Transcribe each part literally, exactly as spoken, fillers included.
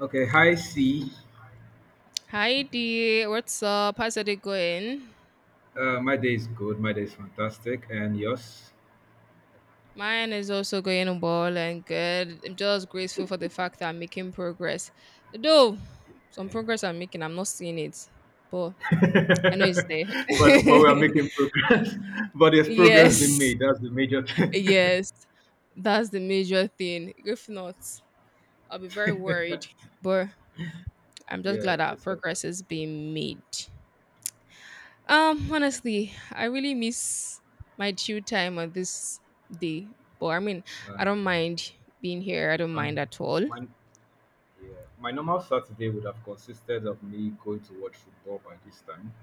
Okay, hi C. Hi D, what's up? How's it going? Uh, my day is good. My day is fantastic, and yours? Mine is also going well and good. I'm just grateful for the fact that I'm making progress. Though some Yeah. progress I'm making, I'm not seeing it, but I know it's but there. but we are making progress. But there's progress Yes, being made. That's the major thing. yes, that's the major thing. If not, I'll be very worried. But I'm just Yeah, glad that it's okay. progress is being made. Um, honestly, I really miss my chill time on this day. But I mean, I And don't mind being here. I don't and mind at all. my yeah, my normal Saturday would have consisted of me going to watch football by this time,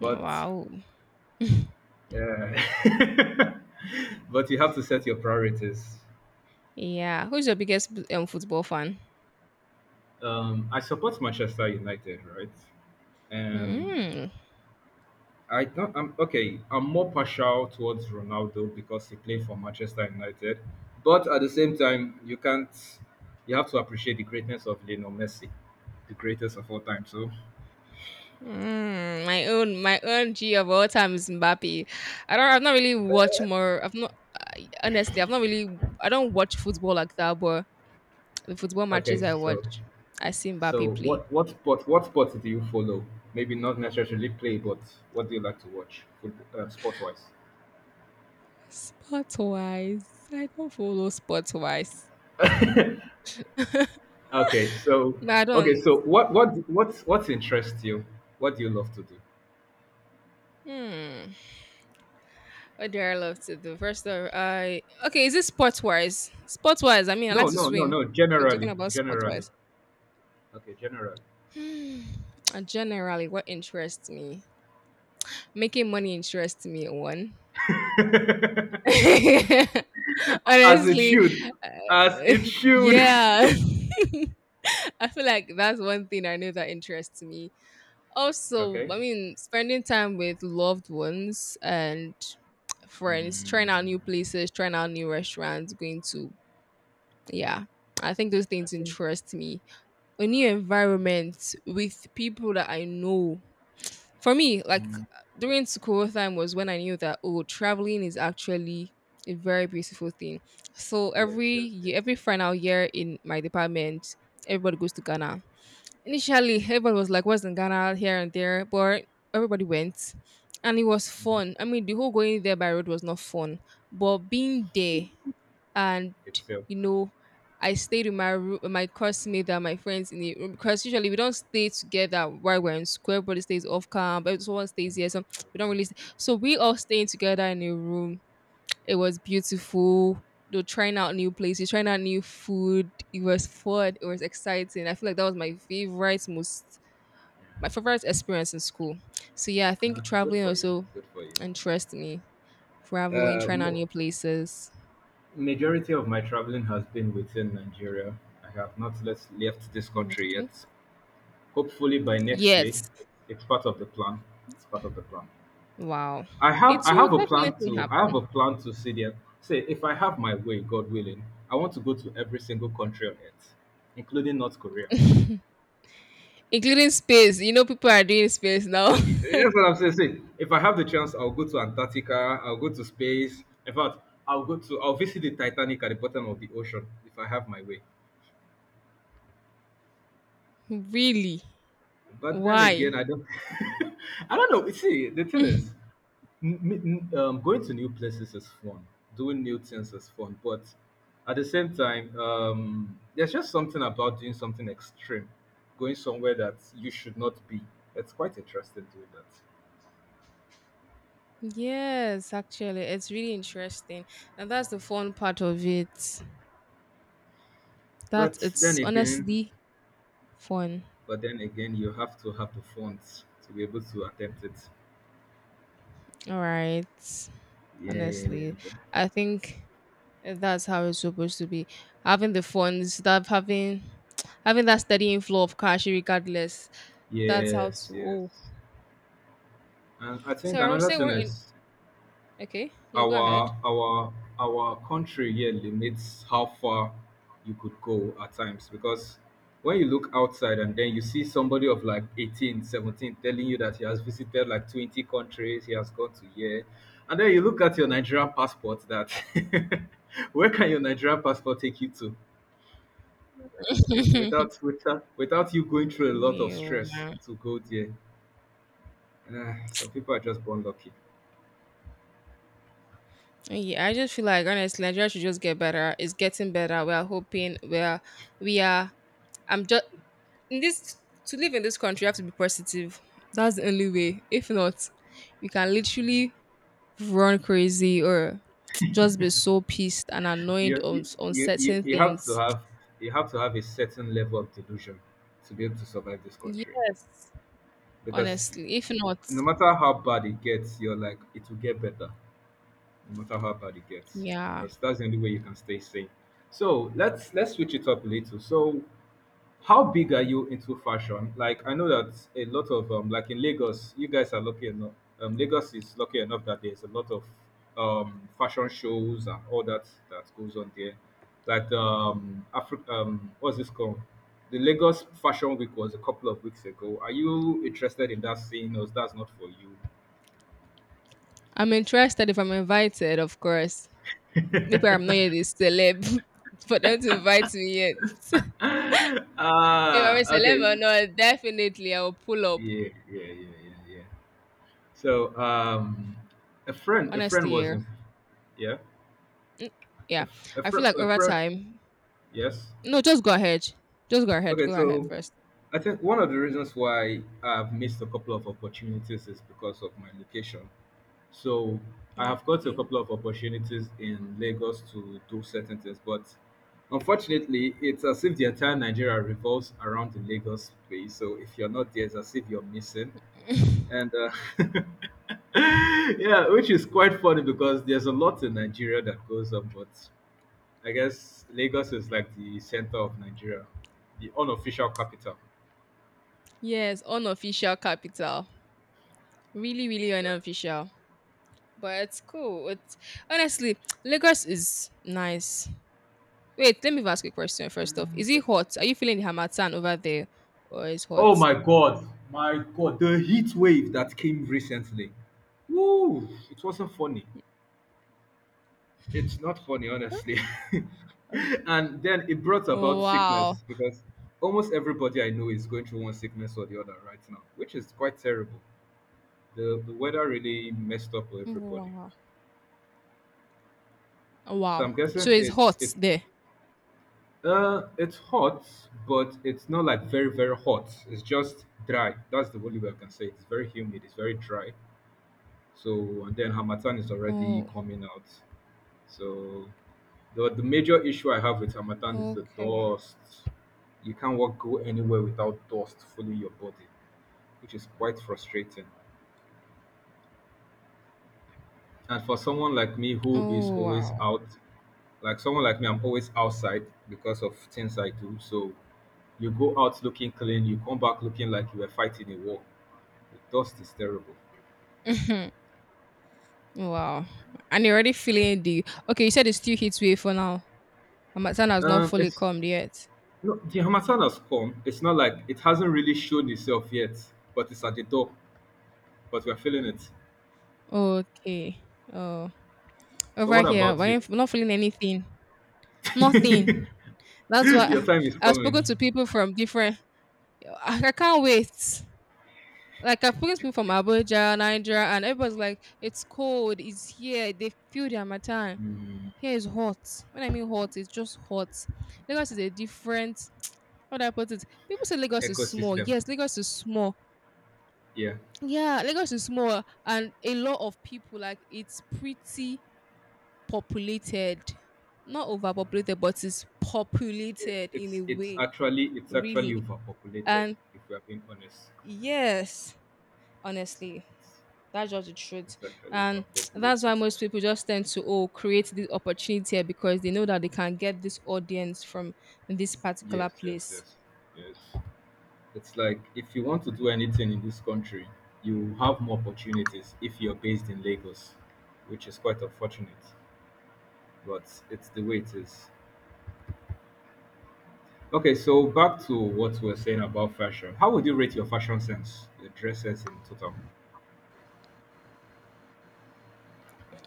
but Wow. uh, but you have to set your priorities. Yeah. Who's your biggest b- um, football fan? Um, I support Manchester United, right? And Mm. I don't. I'm okay. I'm more partial towards Ronaldo because he played for Manchester United, but at the same time, you can't. You have to appreciate the greatness of Lionel Messi, the greatest of all time. So, Mm. My own, my own G of all time is Mbappe. I don't. I've not really watched more. I've not. Honestly, I've not really. I don't watch football like that. But the football okay. matches I So, watch, I see so Mbappe play. what what sport what sport do you follow? Maybe not necessarily play, but what do you like to watch, football, uh, sport wise? Sport wise, I don't follow sport wise. Okay. So, But I okay. don't. So, what what what what interests you? What do you love to do? Hmm. What do I love to do? First of I okay, is it sports wise? Sports wise, I mean I No, like to no, no, swim. no. We're talking Generally, about sports generally. wise. Okay, generally. Hmm. uh, Generally, what interests me? Making money interests me one. As it Honestly. should, as uh, it should. yeah. I feel like that's one thing I know that interests me. Also, Okay. I mean, spending time with loved ones and friends, trying out Mm, new places, trying out new restaurants, going to, yeah, I think those I things think. interest me. A new Uh, okay. environment with people that I know. For me, like Mm, during school time was when I knew that oh traveling is actually a very beautiful thing. So yes, every yes, yes. year, every final year in my department, everybody goes to Ghana. Initially, everybody was like, what's in Ghana, here and there, but everybody went. And it was Mm-hmm. fun. I mean, the whole going there by road was not fun, but being there and Itself. you know, I stayed with my roo- my classmate and my friends in the room because usually we don't stay together while we're in school. Everybody stays off camp, but someone Okay, stays here, so we don't okay, really. Stay. So we all staying together in a room. It was beautiful. They were trying out new places, trying out new food. It was fun. It was exciting. I feel like that was my favorite, most my favorite experience in school. So yeah, I okay. think Uh, good traveling for you. also Good for you. interests me. Traveling, Uh, trying out mo- new places. Majority of my traveling has been within Nigeria. I have not let- left this Mm, country okay. yet. Hopefully by next year, Yet. it's part of the plan. It's part of the plan. Wow. I have It I will have a plan definitely to I have happen, a plan to see there. Say if I have my way, God willing, I want to go to every single country on earth, including North Korea. including space. You know, people are doing space now. Y- That's what I'm saying. See, if I have the chance, I'll go to Antarctica. I'll go to space. In fact, I'll go to I'll visit the Titanic at the bottom of the ocean if I have my way. Really? But then Why? again, I don't. I don't know. See, the thing is, n- n- um, going to new places is fun. Doing new things is fun, but at the same time, um, there's just something about doing something extreme, going somewhere that you should not be. It's quite interesting doing that. Yes, actually, it's really interesting. And that's the fun part of it. That But then it's again, honestly fun. but then again, you have to have the funds to be able to attempt it. All right. Yeah, yeah, yeah. Honestly, But- I think that's how it's supposed to be. Having the fun, stuff, having having that steady inflow of cash, regardless. That's how Yes, to. Oh, yes. And I so think I was another saying thing we're in. is, Okay, no, go ahead. Our our our country here limits how far you could go at times, because when you look outside and then you see somebody of like eighteen seventeen telling you that he has visited like twenty countries, he has gone to here, and then you look at your Nigerian passport that, where can your Nigerian passport take you to without without without you going through a lot of View, stress man. to go there? Ah, some people are just born lucky. Yeah, I just feel like honestly, Nigeria should just get better. It's getting better. We are hoping. We are. We are. I'm just in this to live in this country. You have to be positive. That's the only way. If not, you can literally run crazy or just be so pissed and you, annoyed on you on you you certain you have to things. have you have to have a certain level of delusion to be able to survive this country, Yes, because honestly. If not, no matter how bad it gets, you're like, it will get better no matter how bad it gets, yeah, because that's the only way you can stay sane. So let's let's switch it up a little. So how big are you into fashion? Like, I know that a lot of um, like in Lagos, you guys are lucky enough. Um, Lagos is lucky enough that there's a lot of um, fashion shows and all that that goes on there. Like um, Afri- um, what's this called? The Lagos Fashion Week was a couple of weeks ago. Are you interested in that scene, or that's not for you? I'm interested. If I'm invited, of course. Maybe I'm not yet a celeb for them to invite me yet. If I'm a Ah, okay. celeb or not, definitely I will pull up. Yeah, yeah, yeah, yeah, yeah. So um, a friend, a friend Honestly, was yeah. in. Yeah. Yeah. If a I feel like over friend, time. yes. No, just go ahead. Just go ahead. Okay, Go ahead so first. I think one of the reasons why I've missed a couple of opportunities is because of my location. So I have got a Okay. couple of opportunities in Lagos to do certain things, but unfortunately, it's as if the entire Nigeria revolves around the Lagos space. So if you're not there, it's as if you're missing. And uh, yeah, which is quite funny, because there's a lot in Nigeria that goes on, but I guess Lagos is like the center of Nigeria, the unofficial capital. Yes, unofficial capital. Really, really unofficial. But it's cool. It's honestly, Lagos is nice. Wait, let me ask you a question first off. Mm, Is it's, it hot? Are you feeling the Hamatan over there? Or is oh hot? my god, my god, the heat wave that came recently. Woo! It wasn't funny. It's not funny, honestly. Uh, And then it brought about Wow. sickness, because almost everybody I know is going through one sickness or the other right now, which is quite terrible. The the weather really messed up with everybody. Wow. So Wow. I'm guessing So it's it's hot it's there. Uh, it's hot, but it's not like very, very hot. It's just dry. That's the only way I can say it. It's very humid. It's very dry. So, and then Hamatan is already Oh, coming out. So, the, the major issue I have with Hamatan is the okay. dust. You can't walk go anywhere without dust filling your body, which is quite frustrating. And for someone like me who is Oh always wow. out, like someone like me, I'm always outside because of things I do. So you go out looking clean, you come back looking like you were fighting a war. The dust is terrible. Mhm. Wow. And you're already feeling the okay, you said it's still heat wave for now. Amazon has not Um, fully it's calmed yet. No, the Hamatan has come. It's not like it hasn't really shown itself yet, but it's at the door. But we're feeling it. Okay. Oh. So Over what here, about I you? am not feeling anything. Nothing. That's Your why time is I've coming. spoken to people from different I, I can't wait. Like I've spoken to people from Abuja, Nigeria, and everybody's like, it's cold, it's here. They feel the Amatan. Mm, Here is hot. When I mean hot, it's just hot. Lagos is a different how do I put it? People say Lagos is small. ecosystem. Yes, Lagos is small. Yeah, Yeah, Lagos is small, and a lot of people like it's pretty populated, not overpopulated, but it's It- populated in it's a it's way, actually it's actually really. overpopulated. And If we are being honest, yes, honestly, it's, that's just the truth, it's actually and that's overpopulated. why most people just tend to oh create this opportunity here because they know that they can get this audience from this particular Yes, yes, place. yes, yes. It's like if you want to do anything in this country, you have more opportunities if you're based in Lagos, which is quite unfortunate, but it's the way it is. Okay, so back to what we were saying about fashion. How would you rate your fashion sense, your dress sense in total?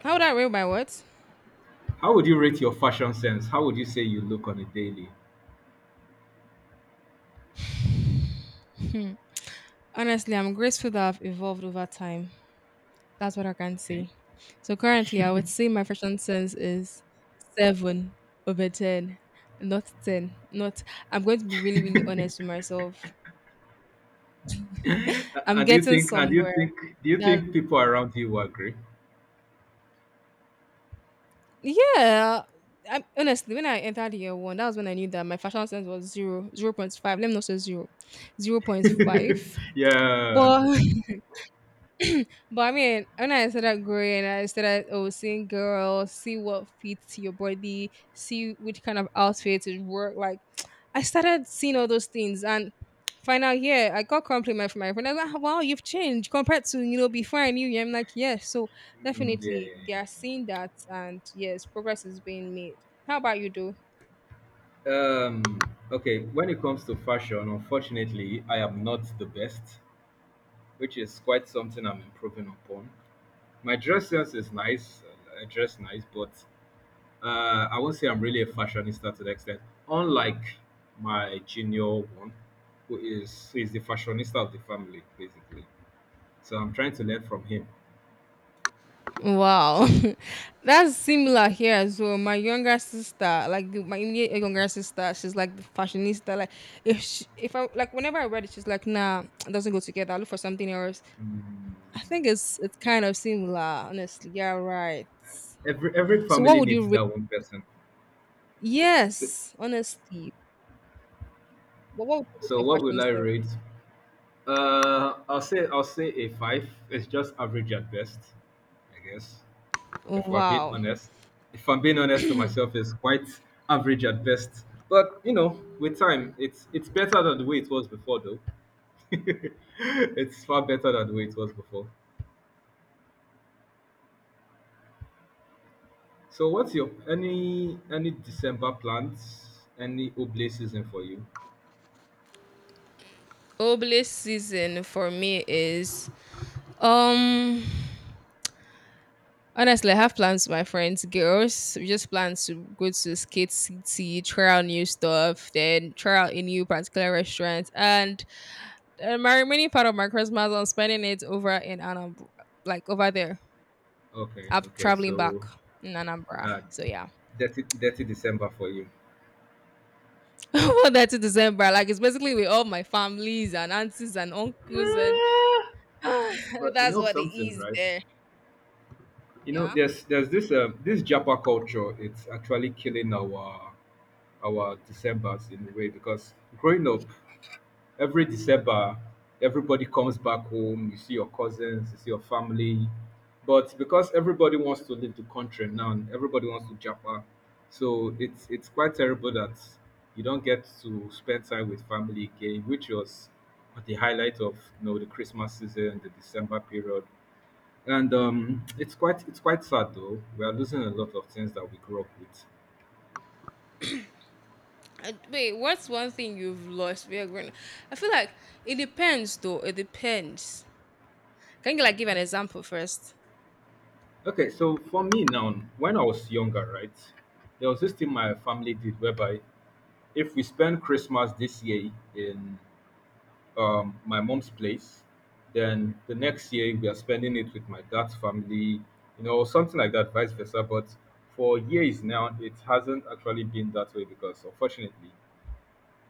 How would I rate my words? How would you rate your fashion sense? How would you say you look on a daily? Honestly, I'm grateful that I've evolved over time. That's what I can Okay, say. So currently, I would say my fashion sense is seven over ten, not ten. Not. I'm going to be really, really honest with myself. A- I'm and do you getting think and do you somewhere. think do you That think people around you will agree? yeah. I, honestly, when I entered year one, that was when I knew that my fashion sense was zero, zero point five. Let me not say zero, zero point five. Yeah. But but I mean, when I started growing, I started oh seeing girls, see what fits your body, see which kind of outfits would work. Like I started seeing all those things and final year I got compliment from my friend. I was like, "Ah, wow, you've changed compared to, you know, before I knew you." I'm like, yes. So Mm, yeah, yeah, definitely they are yeah. seeing that and yes, progress is being made. How about you do? Um, okay, when it comes to fashion, unfortunately, I am not the best, which is quite something I'm improving upon. My dress sense is nice, uh, I dress nice, but uh, I won't say I'm really a fashionista to the extent. Unlike my junior one, who is who is the fashionista of the family, basically. So I'm trying to learn from him. Wow, that's similar here as well. My younger sister, like the- my immediate younger sister, she's like the fashionista. Like if she, if I like whenever I read it, she's like, nah, it doesn't go together. Look for something else. I think it's it's kind of similar, honestly. Yeah, right. Every every So what family would needs you that one person. So, Yes, honestly. But what would you wish so your what will fashion I sense? rate? Uh, I'll say I'll say a five. It's just average at best, I guess. If we're being Wow. honest, if I'm being honest to myself, it's quite average at best. But you know, with time, it's it's better than the way it was before, though. It's far better than the way it was before. So, what's your any any December plans? Any Oblay season for you? Obelisk season for me is um honestly I have plans with my friends, girls. We just plan to go to Skate City, try out new stuff, then try out a new particular restaurant. And uh, my remaining part of my Christmas I'm spending it over in Anambra like over there. Okay, I'm okay. traveling So, back in Anambra. uh, So yeah. dirty dirty December for you. What that to December, like it's basically with all my families and aunties and uncles, and Eh, but you that's know what it something, is right? there. You know, Yeah. there's there's this uh, this Japa culture. It's actually killing our our December's in a way, because growing up, every December, everybody comes back home. You see your cousins, you see your family, but because everybody wants to leave the country now, and everybody wants to Japa, so it's it's quite terrible that you don't get to spend time with family again, which was the highlight of, you know, the Christmas season, the December period, and um, it's quite it's quite sad though. We are losing a lot of things that we grew up with. And wait, what's one thing you've lost? We are grown. I feel like it depends, though. It depends. Can you like give an example first? Okay, so for me now, when I was younger, right, there was this thing my family did whereby if we spend Christmas this year in um, my mom's place, then the next year we are spending it with my dad's family, you know, something like that, vice versa. But for years now, it hasn't actually been that way because, unfortunately,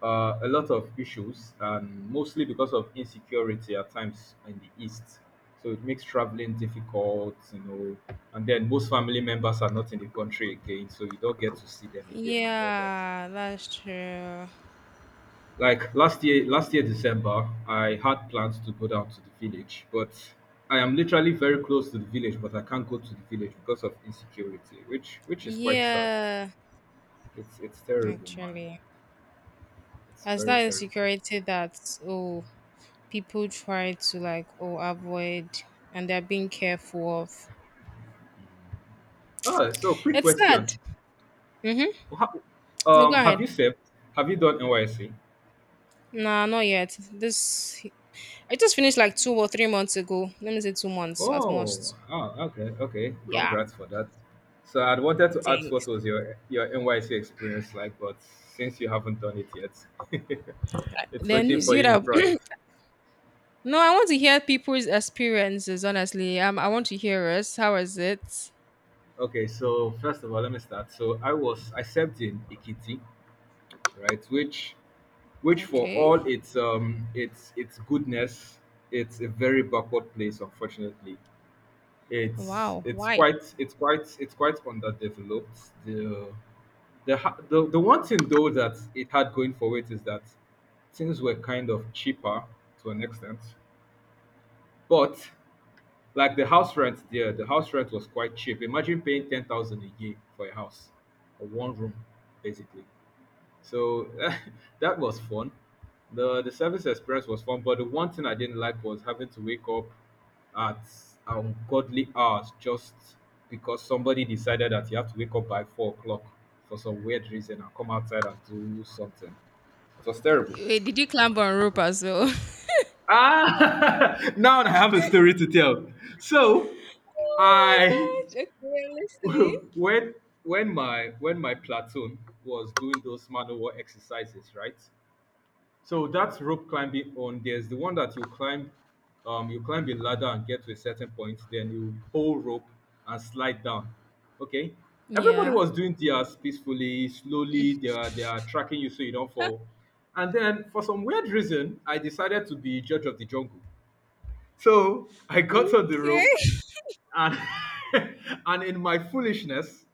uh, a lot of issues, and mostly because of insecurity at times in the East. So it makes traveling difficult, you know. And then most family members are not in the country again, so you don't get to see them again and all that. Yeah, that's true. Like last year, last year December, I had plans to go down to the village, but I am literally very close to the village, but I can't go to the village because of insecurity, which which is quite sad. Yeah, It's it's terrible, man. actually, It's as very that terrible. insecurity that oh people try to like oh avoid and they're being careful of. Ah, so quick It's question. sad. Mm-hmm. How, No, go um, have ahead. you served? Have you done N Y C? Nah, not yet. This I just finished like two or three months ago. Let me say two months at Oh, most. oh, ah, okay, okay. Yeah, Congrats for that. So I'd wanted to ask what thanks. was your your N Y C experience like, but since you haven't done it yet, it's Then waiting you for see you in that. front. No, I want to hear people's experiences. Honestly, um, I want to hear us. How was it? Okay, so first of all, let me start. So I was I served in Ikiti, right? Which which for Okay. all its um its its goodness, it's a very backward place, unfortunately. It's Wow. it's Why? quite it's quite it's quite underdeveloped. The the ha- the, the one thing though that it had going for it is that things were kind of cheaper to an extent. But like the house rent there, the house rent was quite cheap. Imagine paying ten thousand a year for a house, for one room, basically. So that was fun. The the service experience was fun, but the one thing I didn't like was having to wake up at ungodly hours just because somebody decided that you have to wake up by four o'clock for some weird reason and come outside and do something. It was terrible. Wait, did you climb on rope as well? Ah, now I have a story to tell. So I Oh my gosh. Okay, I'm listening. when when my when my platoon was doing those manual exercises, right? So that's rope climbing on. There's the one that you climb, um, you climb a ladder and get to a certain point, then you hold rope and slide down. Okay. Everybody Yeah. was doing theirs peacefully, slowly. They are they are tracking you so you don't fall. And then for some weird reason, I decided to be judge of the jungle. So I got on the Okay. rope and and in my foolishness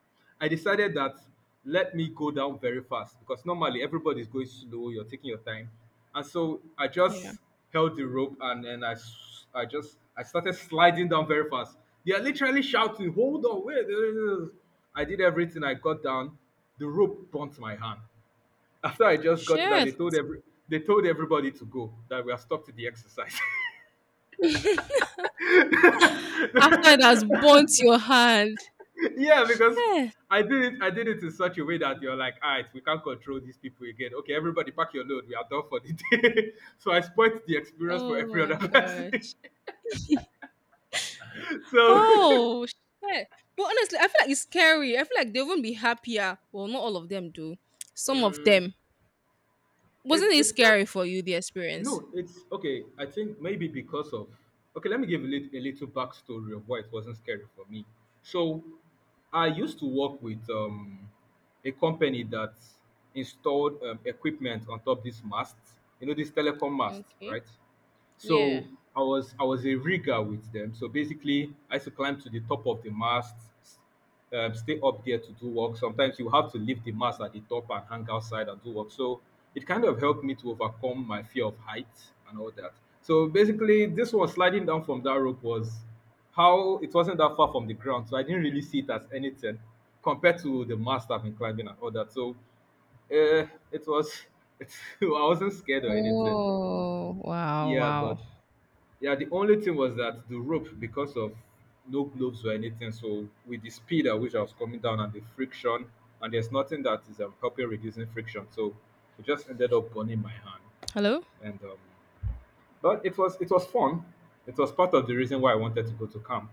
I decided that let me go down very fast, because normally everybody's going slow, you're taking your time, and so I Yeah. just held the rope, and then I s- I just I started sliding down very fast. They are literally shouting, hold on, wait. I did everything, I got down, the rope burnt my hand. After I just got down, they Shit. told every they told everybody to go, that we are stuck to the exercise. After it has burnt your hand. Yeah, because Shit. I did it. I did it in such a way that you're like, all right, we can't control these people again. Okay, everybody, pack your load. We are done for the day. So I spoilt the experience for Oh every my other person. gosh. So Oh, shit. But honestly, I feel like it's scary. I feel like they wouldn't be happier. Well, not all of them do. Some of mm, them. Wasn't it's it it's not. scary for you, the experience? No, it's okay. I think maybe because of. Okay, let me give a little, a little backstory of why it wasn't scary for me. So I used to work with um, a company that installed um, equipment on top these masts. You know, this telecom mast, Okay. right? Yeah. So I was I was a rigger with them. So basically, I used to climb to the top of the mast, s- um, stay up there to do work. Sometimes you have to leave the mast at the top and hang outside and do work. So it kind of helped me to overcome my fear of heights and all that. So basically, this one sliding down from that rope was how it wasn't that far from the ground, so I didn't really see it as anything compared to the mast I've been climbing and all that. So uh, it was, it, I wasn't scared or anything. Oh, wow, Yeah, but wow. yeah, the only thing was that the rope, because of no gloves or anything, so with the speed at which I was coming down and the friction, and there's nothing that is um, helping reducing friction, so it just ended up burning my hand. Hello? And um, but it was it was fun. It was part of the reason why I wanted to go to camp.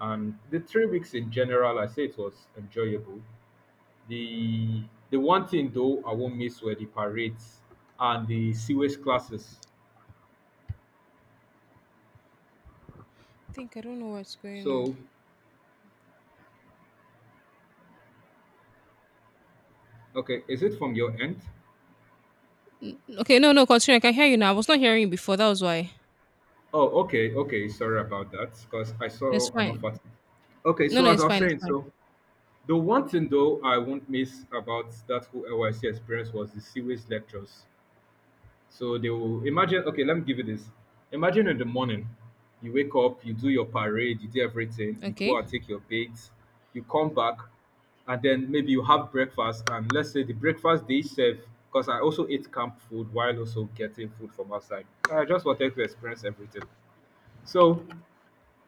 And the three weeks in general, I say it was enjoyable. The the one thing though I won't miss were the parades and the sewage classes. I think I don't know what's going on. So okay, is it from your end? Okay, no, no, continue. I can hear you now. I was not hearing you before. That was why. Oh, okay, okay. Sorry about that, because I It's saw an fine. offer. Okay, No, so no, as I it's was fine. It's saying, fine. so the one thing though I won't miss about that whole L Y C experience was the series lectures. So they will imagine. Okay, let me give you this. Imagine in the morning, you wake up, you do your parade, you do everything, you go Okay. and take your bath, you come back, and then maybe you have breakfast. And let's say the breakfast they serve, because I also ate camp food while also getting food from outside. I just wanted to experience everything. So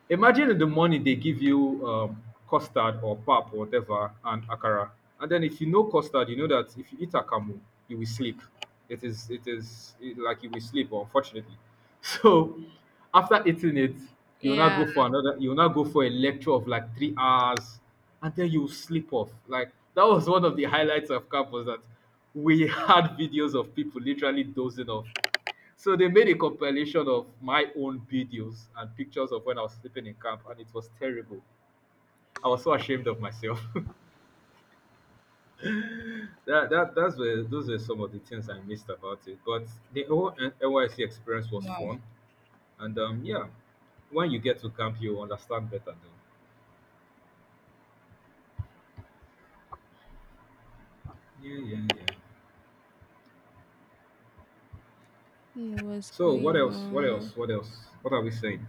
imagine the morning they give you um, custard or pap or whatever and akara. And then if you know custard, you know that if you eat akamu, you will sleep. It is it is it- like you will sleep, unfortunately. So after eating it, you'll not Yeah. go for another you'll not go for a lecture of like three hours and then you will sleep off. Like that was one of the highlights of camp was that we had videos of people literally dozing off. So they made a compilation of my own videos and pictures of when I was sleeping in camp, and it was terrible. I was so ashamed of myself. that that that's where Those were some of the things I missed about it. But the whole N- NYC experience was Wow. fun, and um, yeah, when you get to camp, you understand better though. Yeah, yeah, yeah. I don't know what's So what going else? What on? else? What else? What are we saying?